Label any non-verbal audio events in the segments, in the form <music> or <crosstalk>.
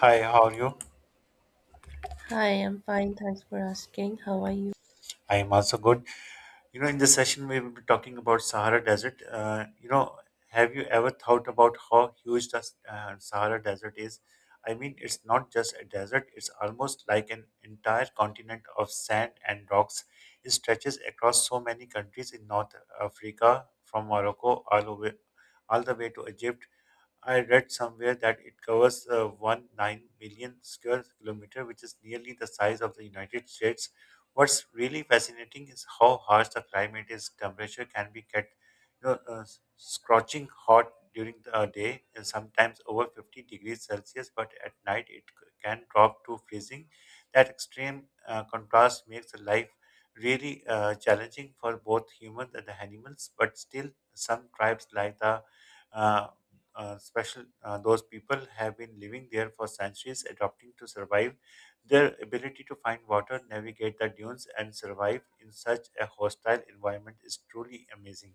Hi, how are you? Hi, I'm fine. Thanks for asking. How are you? I am also good. In this session, we will be talking about Sahara Desert. Have you ever thought about how huge the Sahara Desert is? I mean, it's not just a desert, it's almost like an entire continent of sand and rocks. It stretches across so many countries in North Africa, from Morocco all the way to Egypt. I read somewhere that it covers 1.9 million square kilometer, which is nearly the size of the United States. What's really fascinating is how harsh the climate is. Temperature can be get, you know, Scorching hot during the day and sometimes over 50 degrees Celsius, but at night it can drop to freezing. That extreme contrast makes life really challenging for both humans and the animals, but still some tribes like the uh, special. Those people have been living there for centuries, adapting to survive. Their ability to find water, navigate the dunes, and survive in such a hostile environment is truly amazing.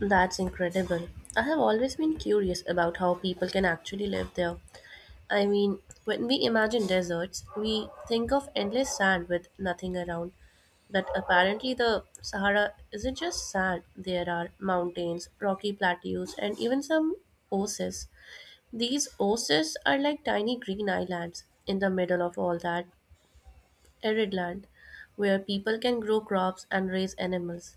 That's incredible. I have always been curious about how people can actually live there. I mean, when we imagine deserts, we think of endless sand with nothing around. But apparently, the Sahara isn't just sand, there are mountains, rocky plateaus, and even some oases. These oases are like tiny green islands in the middle of all that arid land where people can grow crops and raise animals.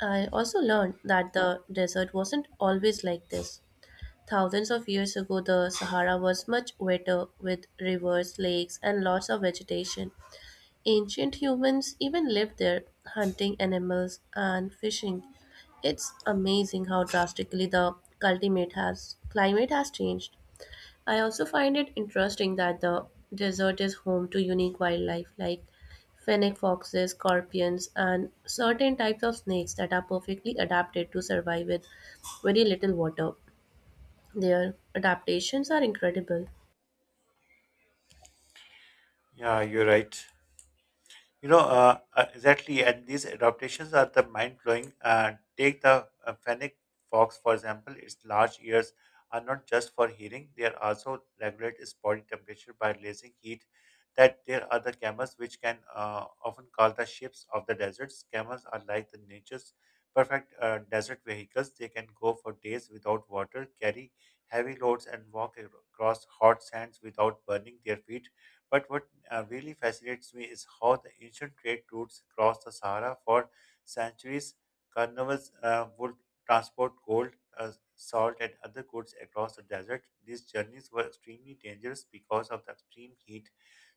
I also learned that the desert wasn't always like this. Thousands of years ago, the Sahara was much wetter with rivers, lakes, and lots of vegetation. Ancient humans even lived there, hunting animals and fishing. It's amazing how drastically the climate has changed. I also find it interesting that the desert is home to unique wildlife like fennec foxes, scorpions, and certain types of snakes that are perfectly adapted to survive with very little water. Their adaptations are incredible. Yeah, you're right. Exactly, and these adaptations are the mind-blowing. Take the fennec fox, for example. Its large ears are not just for hearing; they are also regulate its body temperature by releasing heat. That there are the camels, which can often called the ships of the deserts. Camels are like the nature's perfect desert vehicles. They can go for days without water, carry heavy loads, and walk across hot sands without burning their feet. But what really fascinates me is how the ancient trade routes across the Sahara for centuries, carnivals would transport gold, salt, and other goods across the desert. These journeys were extremely dangerous because of the extreme heat,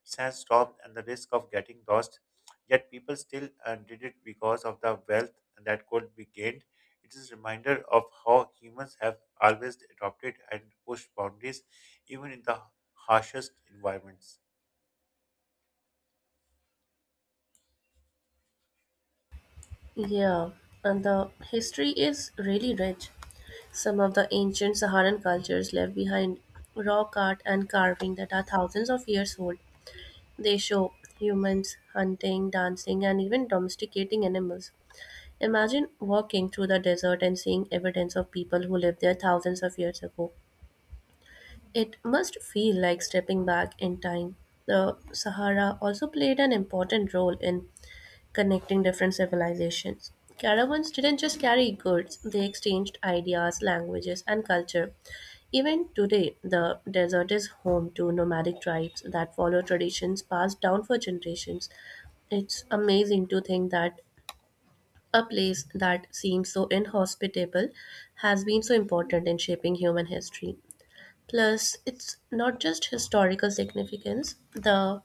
sandstorm, and the risk of getting lost. Yet people still did it because of the wealth that could be gained. It is a reminder of how humans have always adopted and pushed boundaries, even in the harshest environments. Yeah, and the history is really rich. Some of the ancient Saharan cultures left behind rock art and carving that are thousands of years old. They show humans hunting, dancing, and even domesticating animals. Imagine walking through the desert and seeing evidence of people who lived there thousands of years ago. It must feel like stepping back in time. The Sahara also played an important role in connecting different civilizations. Caravans didn't just carry goods, they exchanged ideas, languages, and culture. Even today, the desert is home to nomadic tribes that follow traditions passed down for generations. It's amazing to think that a place that seems so inhospitable has been so important in shaping human history. Plus, it's not just historical significance, the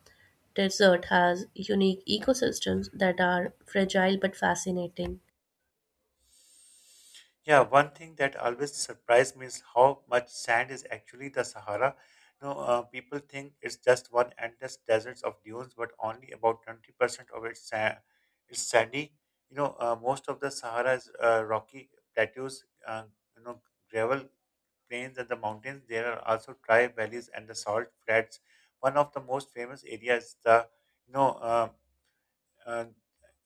desert has unique ecosystems that are fragile but fascinating. Yeah, one thing that always surprised me is how much sand is actually the Sahara. People think it's just one endless deserts of dunes, but only about 20% of it's sandy. Most of the Sahara is rocky plateaus, you know, gravel plains and the mountains. There are also dry valleys and the salt flats. One of the most famous areas is the, you know, uh,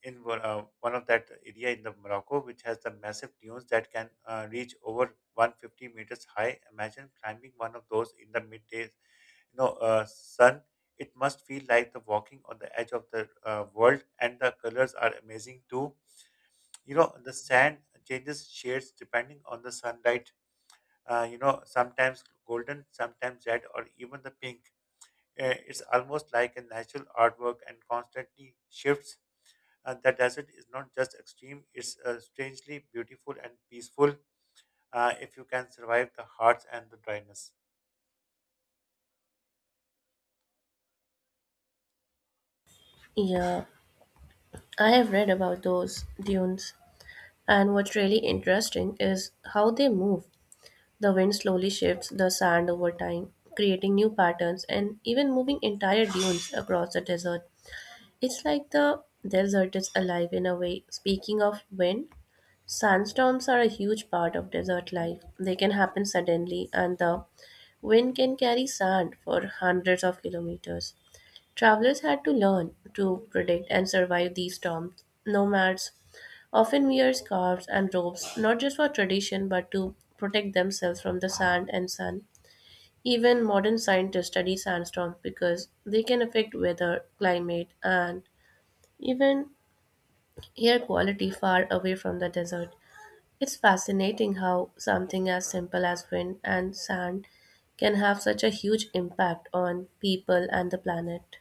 in one- one of that area in the Morocco, which has the massive dunes that can reach over 150 meters high. Imagine climbing one of those in the midday, sun. It must feel like the walking on the edge of the world, and the colors are amazing too. You know, the sand changes shades depending on the sunlight. Sometimes golden, sometimes red, or even the pink. It's almost like a natural artwork and constantly shifts. The desert is not just extreme, it's strangely beautiful and peaceful, if you can survive the hearts and the dryness. Yeah, I have read about those dunes, and what's really interesting is how they move. The wind slowly shifts the sand over time, creating new patterns and even moving entire dunes across the desert. It's like the desert is alive in a way. Speaking of wind, sandstorms are a huge part of desert life. They can happen suddenly, and the wind can carry sand for hundreds of kilometers. Travelers had to learn to predict and survive these storms. Nomads often wear scarves and robes, not just for tradition, but to protect themselves from the sand and sun. Even modern scientists study sandstorms because they can affect weather, climate, and even air quality far away from the desert. It's fascinating how something as simple as wind and sand can have such a huge impact on people and the planet.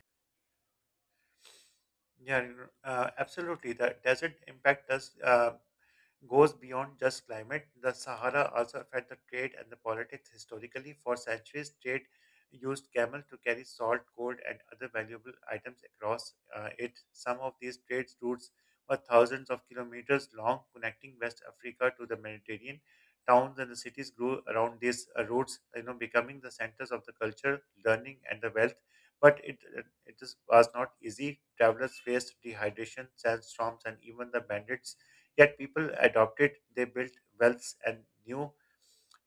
Absolutely. The desert impact does goes beyond just climate. The Sahara also affect the trade and the politics historically. For centuries, trade used camel to carry salt, gold, and other valuable items across it. Some of these trade routes were thousands of kilometers long, connecting West Africa to the Mediterranean. Towns and the cities grew around these routes, you know, becoming the centers of the culture, learning, and the wealth. But it was not easy. Travelers faced dehydration, sandstorms, and even the bandits. Yet people adopted, they built wells and knew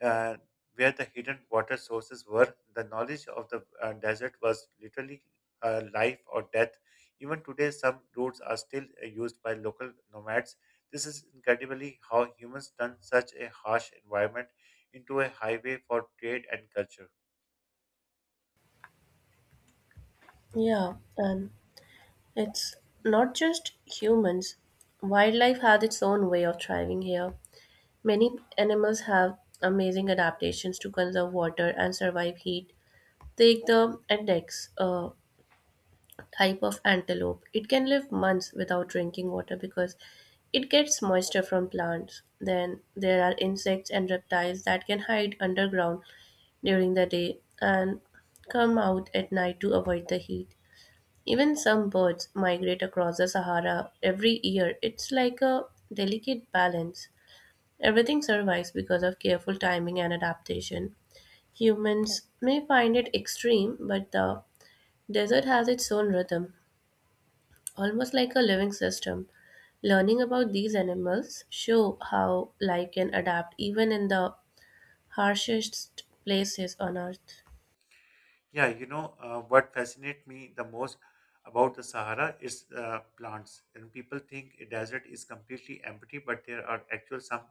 uh, where the hidden water sources were. The knowledge of the desert was literally life or death. Even today, some routes are still used by local nomads. This is incredibly how humans turned such a harsh environment into a highway for trade and culture. Yeah, and it's not just humans. Wildlife has its own way of thriving here. Many animals have amazing adaptations to conserve water and survive heat. Take the index, type of antelope. It can live months without drinking water because it gets moisture from plants. Then there are insects and reptiles that can hide underground during the day and come out at night to avoid the heat. Even some birds migrate across the Sahara every year. It's like a delicate balance. Everything survives because of careful timing and adaptation. Humans may find it extreme, but the desert has its own rhythm almost like a living system. Learning about these animals show how life can adapt even in the harshest places on earth. What fascinates me the most about the Sahara is plants. And people think a desert is completely empty, but there are actual some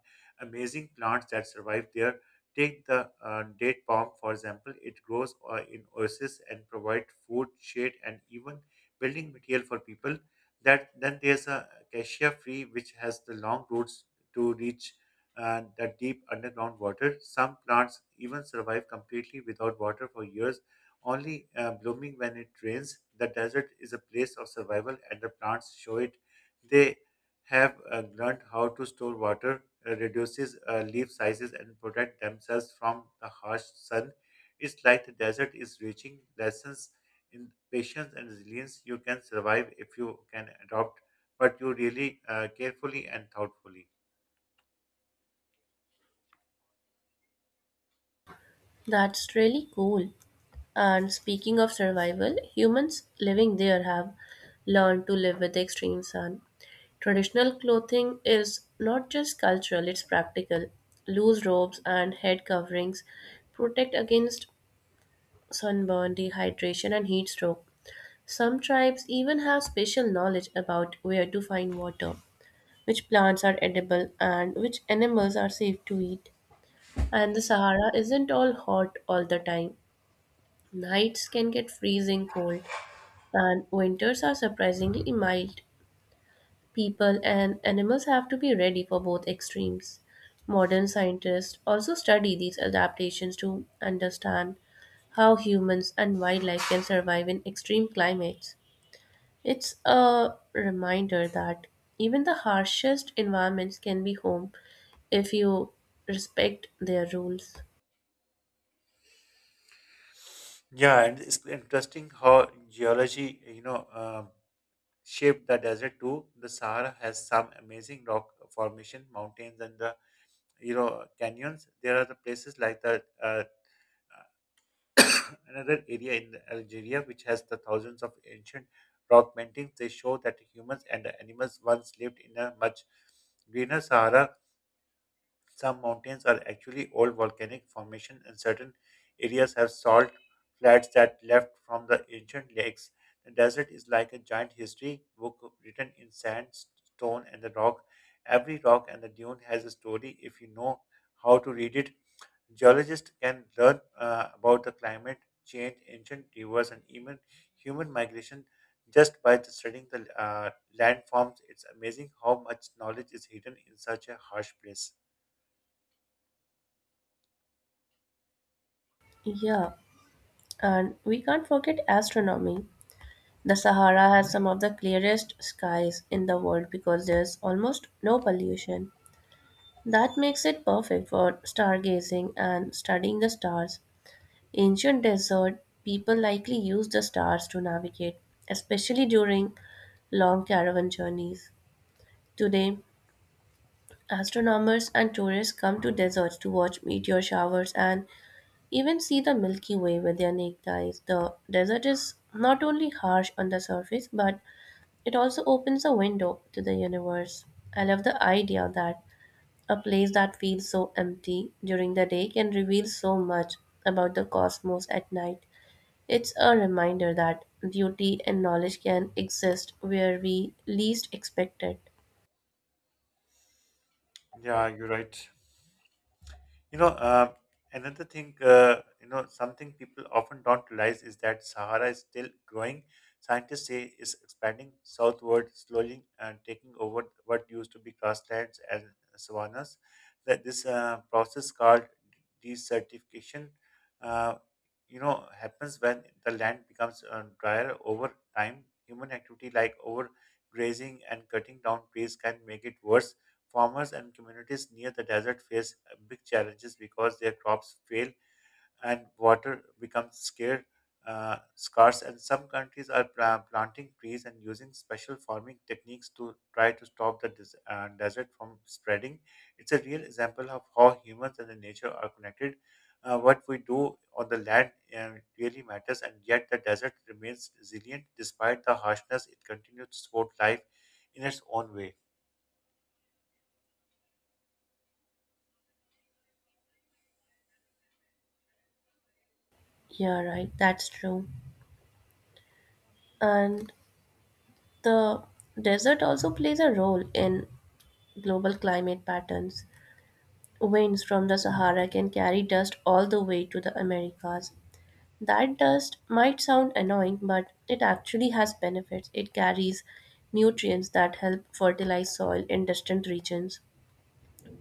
amazing plants that survive there. Take the date palm, for example. It grows in oases and provide food, shade, and even building material for people. That then there's a cassia tree, which has the long roots to reach the deep underground water. Some plants even survive completely without water for years, only blooming when it rains. The desert is a place of survival, and the plants show it. They have learned how to store water, reduces leaf sizes, and protect themselves from the harsh sun. It's like the desert is reaching lessons in patience and resilience. You can survive if you can adopt, but you really carefully and thoughtfully. That's really cool. And speaking of survival, humans living there have learned to live with the extreme sun. Traditional clothing is not just cultural, it's practical. Loose robes and head coverings protect against sunburn, dehydration, and heat stroke. Some tribes even have special knowledge about where to find water, which plants are edible, and which animals are safe to eat. And the Sahara isn't all hot all the time. Nights can get freezing cold, and winters are surprisingly mild. People and animals have to be ready for both extremes. Modern scientists also study these adaptations to understand how humans and wildlife can survive in extreme climates. It's a reminder that even the harshest environments can be home if you respect their rules. Yeah, and it's interesting how geology, shaped the desert too. The Sahara has some amazing rock formation, mountains, and the, you know, canyons. There are the places like the <coughs> another area in the Algeria which has the thousands of ancient rock paintings. They show that humans and animals once lived in a much greener Sahara. Some mountains are actually old volcanic formations, and certain areas have salt flats that left from the ancient lakes. The desert is like a giant history book written in sand, stone, and the rock. Every rock and the dune has a story if you know how to read it. Geologists can learn about the climate change, ancient rivers, and even human migration just by studying the landforms. It's amazing how much knowledge is hidden in such a harsh place. Yeah, and we can't forget astronomy. The Sahara has some of the clearest skies in the world because there's almost no pollution. That makes it perfect for stargazing and studying the stars. Ancient desert, people likely used the stars to navigate, especially during long caravan journeys. Today, astronomers and tourists come to deserts to watch meteor showers and even see the Milky Way with their naked eyes. The desert is not only harsh on the surface, but it also opens a window to the universe. I love the idea that a place that feels so empty during the day can reveal so much about the cosmos at night. It's a reminder that beauty and knowledge can exist where we least expect it. Yeah, you're right. You know, uh, Another thing, something people often don't realize is that Sahara is still growing. Scientists say it's expanding southward slowly and taking over what used to be grasslands and savannas. That this process called desertification, uh, happens when the land becomes drier over time. Human activity like overgrazing and cutting down trees can make it worse. Farmers and communities near the desert face big challenges because their crops fail and water becomes scarce and some countries are planting trees and using special farming techniques to try to stop the desert from spreading. It's a real example of how humans and the nature are connected. What we do on the land uh, really matters, and yet the desert remains resilient despite the harshness. It continues to support life in its own way. Yeah, right, that's true. And the desert also plays a role in global climate patterns. Winds from the Sahara can carry dust all the way to the Americas. That dust might sound annoying, but it actually has benefits. It carries nutrients that help fertilize soil in distant regions.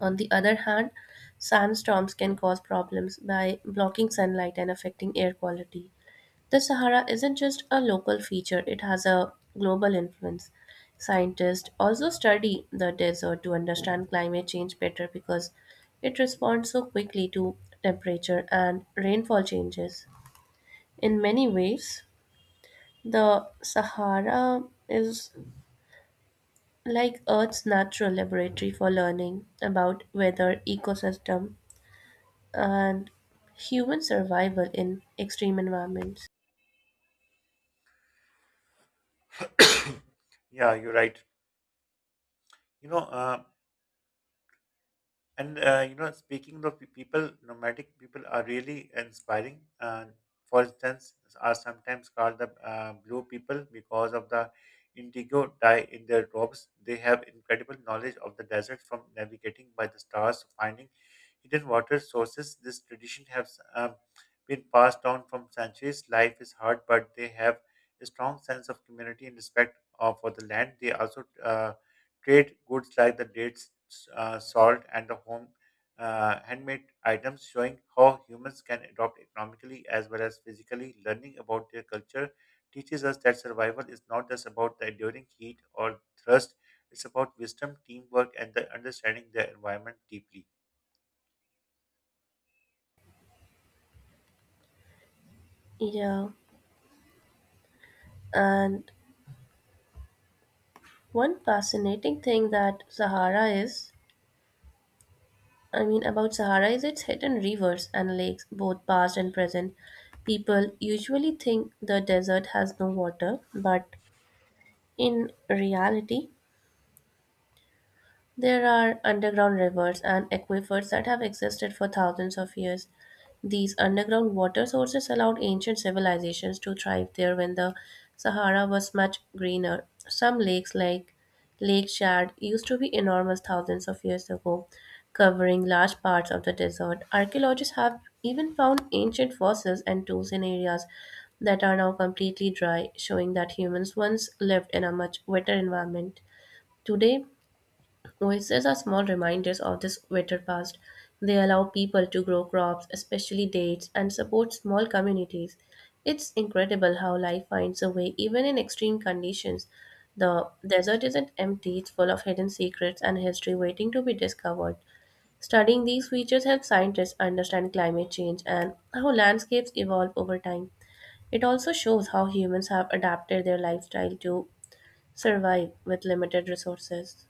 On the other hand, sandstorms can cause problems by blocking sunlight and affecting air quality. The Sahara isn't just a local feature, it has a global influence. Scientists also study the desert to understand climate change better because it responds so quickly to temperature and rainfall changes. In many ways, the Sahara is like Earth's natural laboratory for learning about weather, ecosystem, and human survival in extreme environments. Yeah, you're right. You know, uh, Speaking of people, nomadic people are really inspiring. For instance, are sometimes called the blue people because of the indigo dye in their robes. They have incredible knowledge of the desert from navigating by the stars, to finding Indian water sources. This tradition has been passed down from centuries. Life is hard, but they have a strong sense of community and respect for the land. They also trade goods like the dates, salt, and the home handmade items, showing how humans can adopt economically as well as physically. Learning about their culture teaches us that survival is not just about the enduring heat or thirst. It's about wisdom, teamwork, and the understanding their environment deeply. Yeah, and one fascinating thing that Sahara is, I mean, about Sahara is its hidden rivers and lakes, both past and present. People usually think the desert has no water, but in reality, there are underground rivers and aquifers that have existed for thousands of years. These underground water sources allowed ancient civilizations to thrive there when the Sahara was much greener. Some lakes, like Lake Chad, used to be enormous thousands of years ago, covering large parts of the desert. Archaeologists have even found ancient fossils and tools in areas that are now completely dry, showing that humans once lived in a much wetter environment. Today, oases are small reminders of this better past. They allow people to grow crops, especially dates, and support small communities. It's incredible how life finds a way even in extreme conditions. The desert isn't empty, it's full of hidden secrets and history waiting to be discovered. Studying these features helps scientists understand climate change and how landscapes evolve over time. It also shows how humans have adapted their lifestyle to survive with limited resources.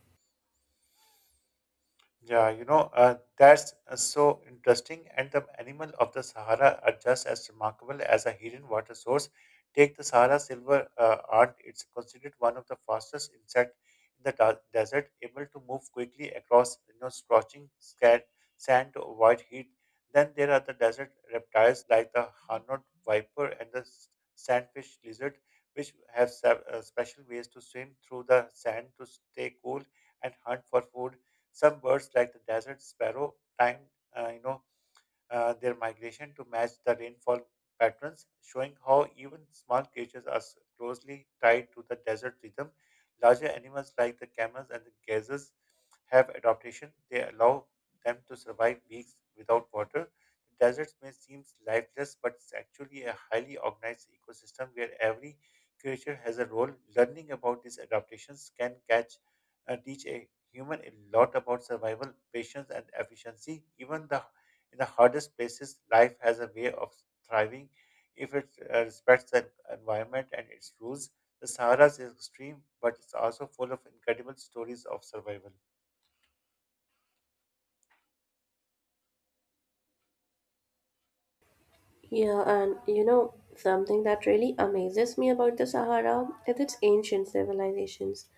That's so interesting. And the animal of the Sahara are just as remarkable as a hidden water source. Take the Sahara silver ant. It's considered one of the fastest insect in the desert, able to move quickly across, you know, scorching sand to avoid heat. Then there are the desert reptiles like the Hanod viper and the sandfish lizard, which have special ways to swim through the sand to stay cool and hunt for food. Some birds like the desert sparrow, time, uh, you know, their migration to match the rainfall patterns, showing how even small creatures are closely tied to the desert rhythm. Larger animals like the camels and the gazelles have adaptation. They allow them to survive weeks without water. The desert may seem lifeless, but it's actually a highly organized ecosystem where every creature has a role. Learning about these adaptations can catch teach a human a lot about survival, patience, and efficiency. Even the in the hardest places, life has a way of thriving if it respects the environment and its rules. The Sahara is extreme, but it's also full of incredible stories of survival. Yeah, and you know, something that really amazes me about the Sahara is its ancient civilizations.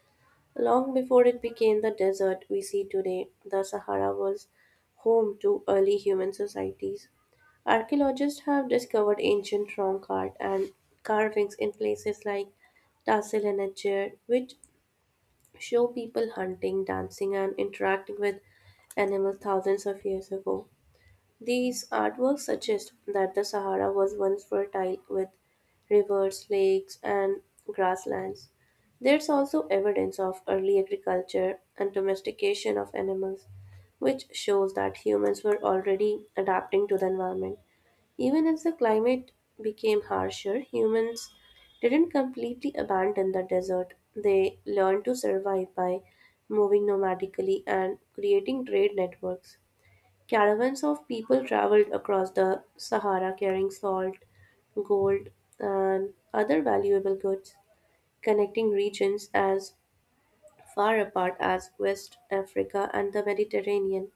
Long before it became the desert we see today, the Sahara was home to early human societies. Archaeologists have discovered ancient trunk art and carvings in places like Tassel and Ajjer, which show people hunting, dancing, and interacting with animals thousands of years ago. These artworks suggest that the Sahara was once fertile with rivers, lakes, and grasslands. There's also evidence of early agriculture and domestication of animals, which shows that humans were already adapting to the environment. Even as the climate became harsher, humans didn't completely abandon the desert. They learned to survive by moving nomadically and creating trade networks. Caravans of people traveled across the Sahara carrying salt, gold, and other valuable goods, connecting regions as far apart as West Africa and the Mediterranean.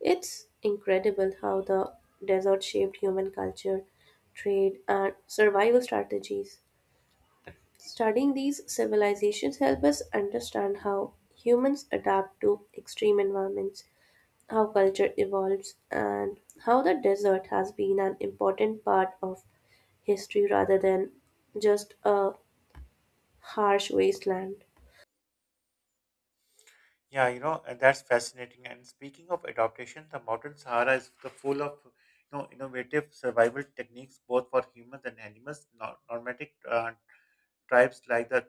It's incredible how the desert shaped human culture, trade, and survival strategies. Studying these civilizations help us understand how humans adapt to extreme environments, how culture evolves, and how the desert has been an important part of history rather than just a harsh wasteland. Yeah, you know, and that's fascinating. And speaking of adaptation, the modern Sahara is the full of, you know, innovative survival techniques, both for humans and animals. Nomadic tribes like the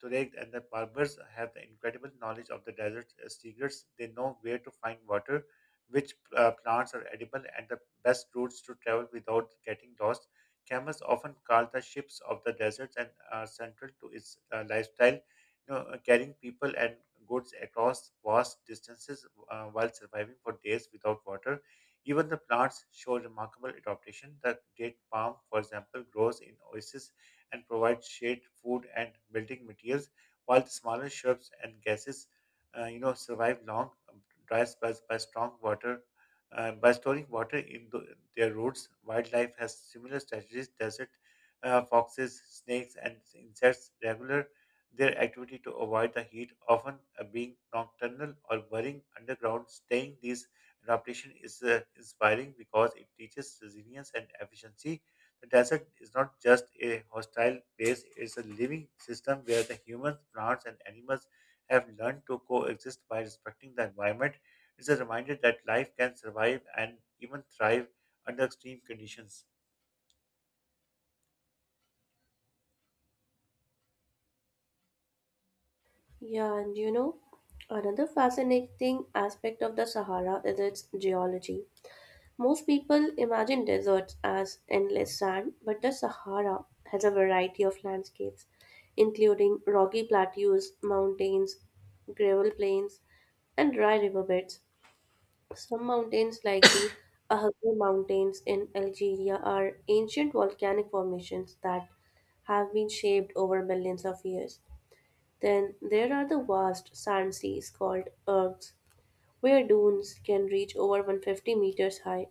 Tuareg and the Berbers have the incredible knowledge of the desert secrets. They know where to find water, which plants are edible, and the best routes to travel without getting lost. Camels often call the ships of the deserts and are central to its lifestyle, you know, carrying people and goods across vast distances while surviving for days without water. Even the plants show remarkable adaptation. The date palm, for example, grows in oases and provide shade, food, and building materials, while the smaller shrubs and gases, survive long droughts by strong water. By storing water in the, their roots, wildlife has similar strategies. Desert foxes, snakes, and insects regular their activity to avoid the heat, often being nocturnal or burrowing underground. Staying these adaptation is inspiring because it teaches resilience and efficiency. The desert is not just a hostile place, it's a living system where the humans, plants, and animals have learned to coexist by respecting the environment. It's a reminder that life can survive and even thrive under extreme conditions. Yeah, and you know, another fascinating aspect of the Sahara is its geology. Most people imagine deserts as endless sand, but the Sahara has a variety of landscapes, including rocky plateaus, mountains, gravel plains, and dry riverbeds. Some mountains, like the Ahaggar Mountains in Algeria, are ancient volcanic formations that have been shaped over millions of years. Then there are the vast sand seas called ergs, where dunes can reach over 150 meters high.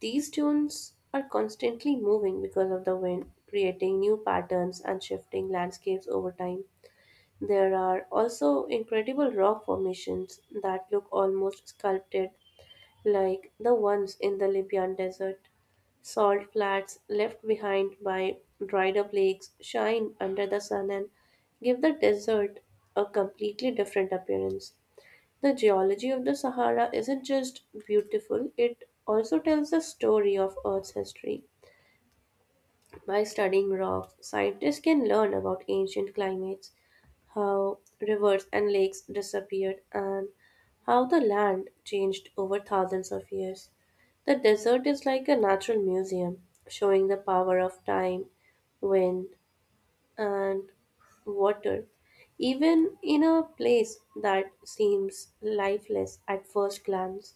These dunes are constantly moving because of the wind, creating new patterns and shifting landscapes over time. There are also incredible rock formations that look almost sculpted like the ones in the Libyan desert. Salt flats left behind by dried up lakes shine under the sun and give the desert a completely different appearance. The geology of the Sahara isn't just beautiful, it also tells the story of Earth's history. By studying rocks, scientists can learn about ancient climates, how rivers and lakes disappeared, and how the land changed over thousands of years. The desert is like a natural museum, showing the power of time, wind, and water, even in a place that seems lifeless at first glance.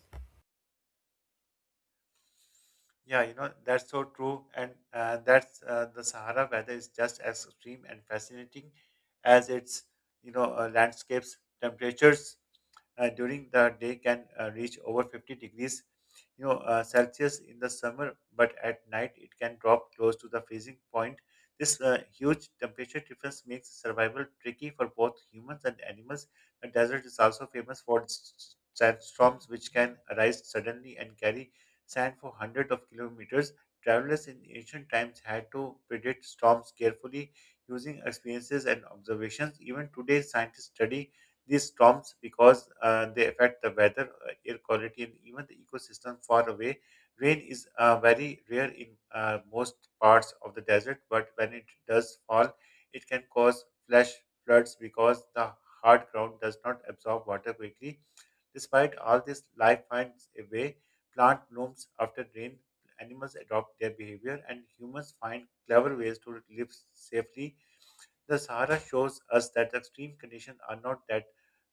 Yeah, you know, that's so true. And that's the Sahara weather is just as extreme and fascinating as its, landscapes. Temperatures during the day can reach over 50 degrees, Celsius in the summer, but at night it can drop close to the freezing point. This huge temperature difference makes survival tricky for both humans and animals. The desert is also famous for sandstorms, which can arise suddenly and carry sand for hundreds of kilometers. Travelers in ancient times had to predict storms carefully using experiences and observations. Even today, scientists study these storms because they affect the weather, air quality, and even the ecosystem far away. Rain is very rare in most parts of the desert, but when it does fall, it can cause flash floods because the hard ground does not absorb water quickly. Despite all this, life finds a way, plant blooms after rain, animals adopt their behavior, and humans find clever ways to live safely. The Sahara shows us that extreme conditions are not that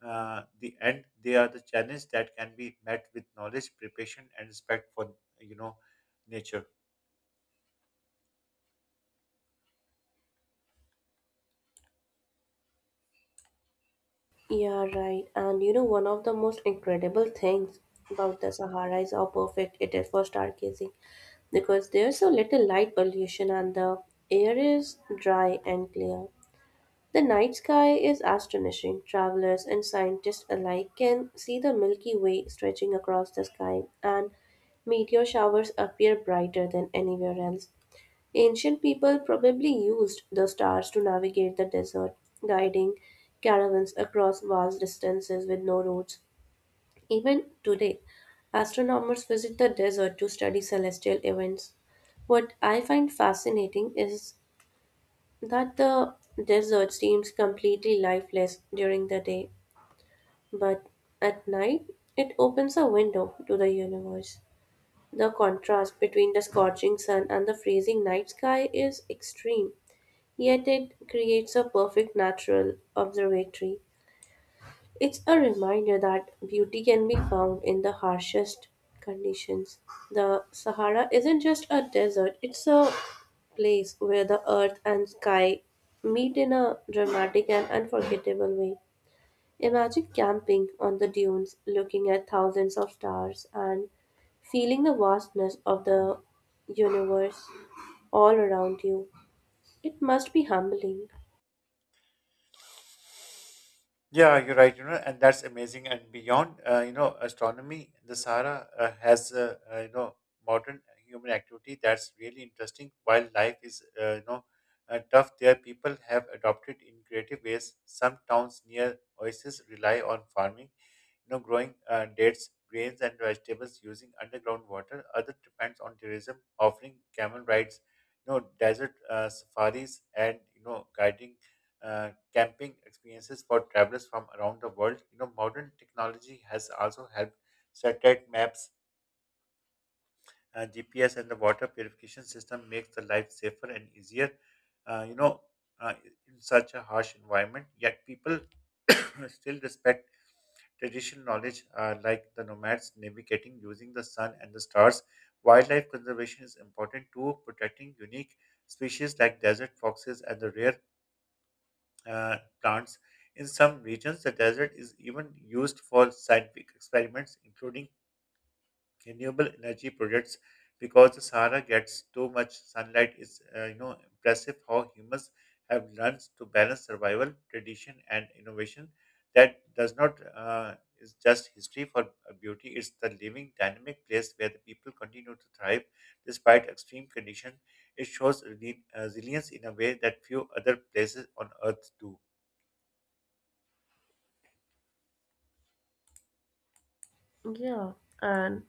the end; they are the challenge that can be met with knowledge, preparation, and respect for you know nature. Yeah, right. And you know, one of the most incredible things about the Sahara is how perfect it is for stargazing because there's so little light pollution and the air is dry and clear. The night sky is astonishing. Travelers and scientists alike can see the Milky Way stretching across the sky, and meteor showers appear brighter than anywhere else. Ancient people probably used the stars to navigate the desert, guiding caravans across vast distances with no roads. Even today, astronomers visit the desert to study celestial events. What I find fascinating is that the desert seems completely lifeless during the day, but at night it opens a window to the universe. The contrast between the scorching sun and the freezing night sky is extreme. Yet it creates a perfect natural observatory. It's a reminder that beauty can be found in the harshest conditions. The Sahara isn't just a desert, it's a place where the earth and sky meet in a dramatic and unforgettable way. Imagine camping on the dunes, looking at thousands of stars, and feeling the vastness of the universe all around you. It must be humbling. Yeah, you're right. You know, and that's amazing. And beyond, astronomy, the Sahara has modern human activity that's really interesting. While life is, tough there, people have adopted in creative ways. Some towns near oases rely on farming, you know, growing dates, grains, and vegetables using underground water. Other depends on tourism, offering camel rides, you know, desert safaris, and you know, guiding camping experiences for travelers from around the world. You know, modern technology has also helped satellite maps, GPS and the water purification system makes the life safer and easier. Uh, you know, uh, in such a harsh environment, yet people <coughs> still respect traditional knowledge like the nomads navigating using the sun and the stars. Wildlife conservation is important too, protecting unique species like desert foxes and the rare plants. In some regions, the desert is even used for scientific experiments, including renewable energy projects because the Sahara gets too much sunlight is impressive how humans have learned to balance survival, tradition, and innovation. That does not is just history for beauty. It's the living, dynamic place where the people continue to thrive despite extreme conditions. It shows resilience in a way that few other places on Earth do. Yeah, and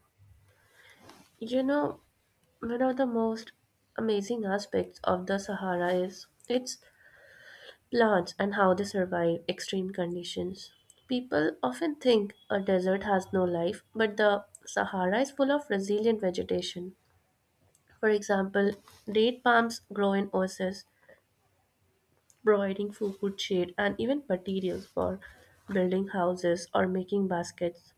you know, one of the most amazing aspects of the Sahara is its plants and how they survive extreme conditions. People often think a desert has no life, but the Sahara is full of resilient vegetation. For example, date palms grow in oases, providing food, shade, and even materials for building houses or making baskets.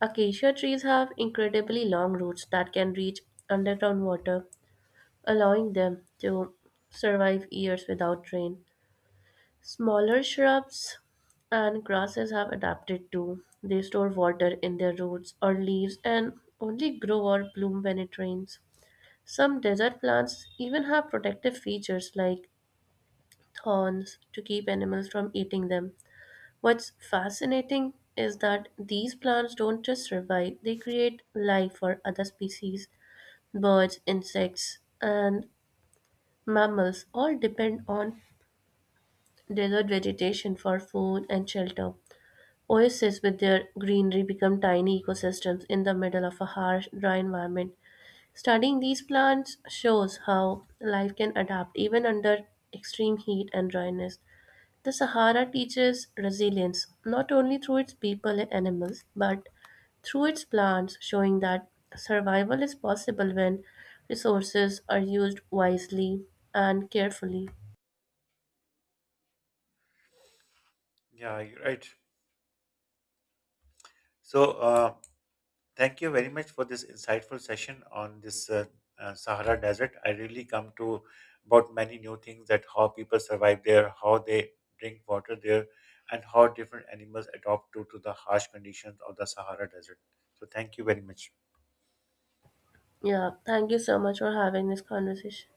Acacia trees have incredibly long roots that can reach underground water, allowing them to survive years without rain. Smaller shrubs and grasses have adapted too. They store water in their roots or leaves and only grow or bloom when it rains. Some desert plants even have protective features like thorns to keep animals from eating them. What's fascinating is that these plants don't just survive, they create life for other species. Birds, insects, and mammals all depend on desert vegetation for food and shelter. Oases with their greenery become tiny ecosystems in the middle of a harsh, dry environment. Studying these plants shows how life can adapt even under extreme heat and dryness. The Sahara teaches resilience not only through its people and animals, but through its plants, showing that survival is possible when resources are used wisely and carefully. Yeah, you're right. So. Thank you very much for this insightful session on this Sahara Desert. I really come to about many new things that how people survive there, how they drink water there, and how different animals adopt to the harsh conditions of the Sahara Desert. So thank you very much. Yeah, thank you so much for having this conversation.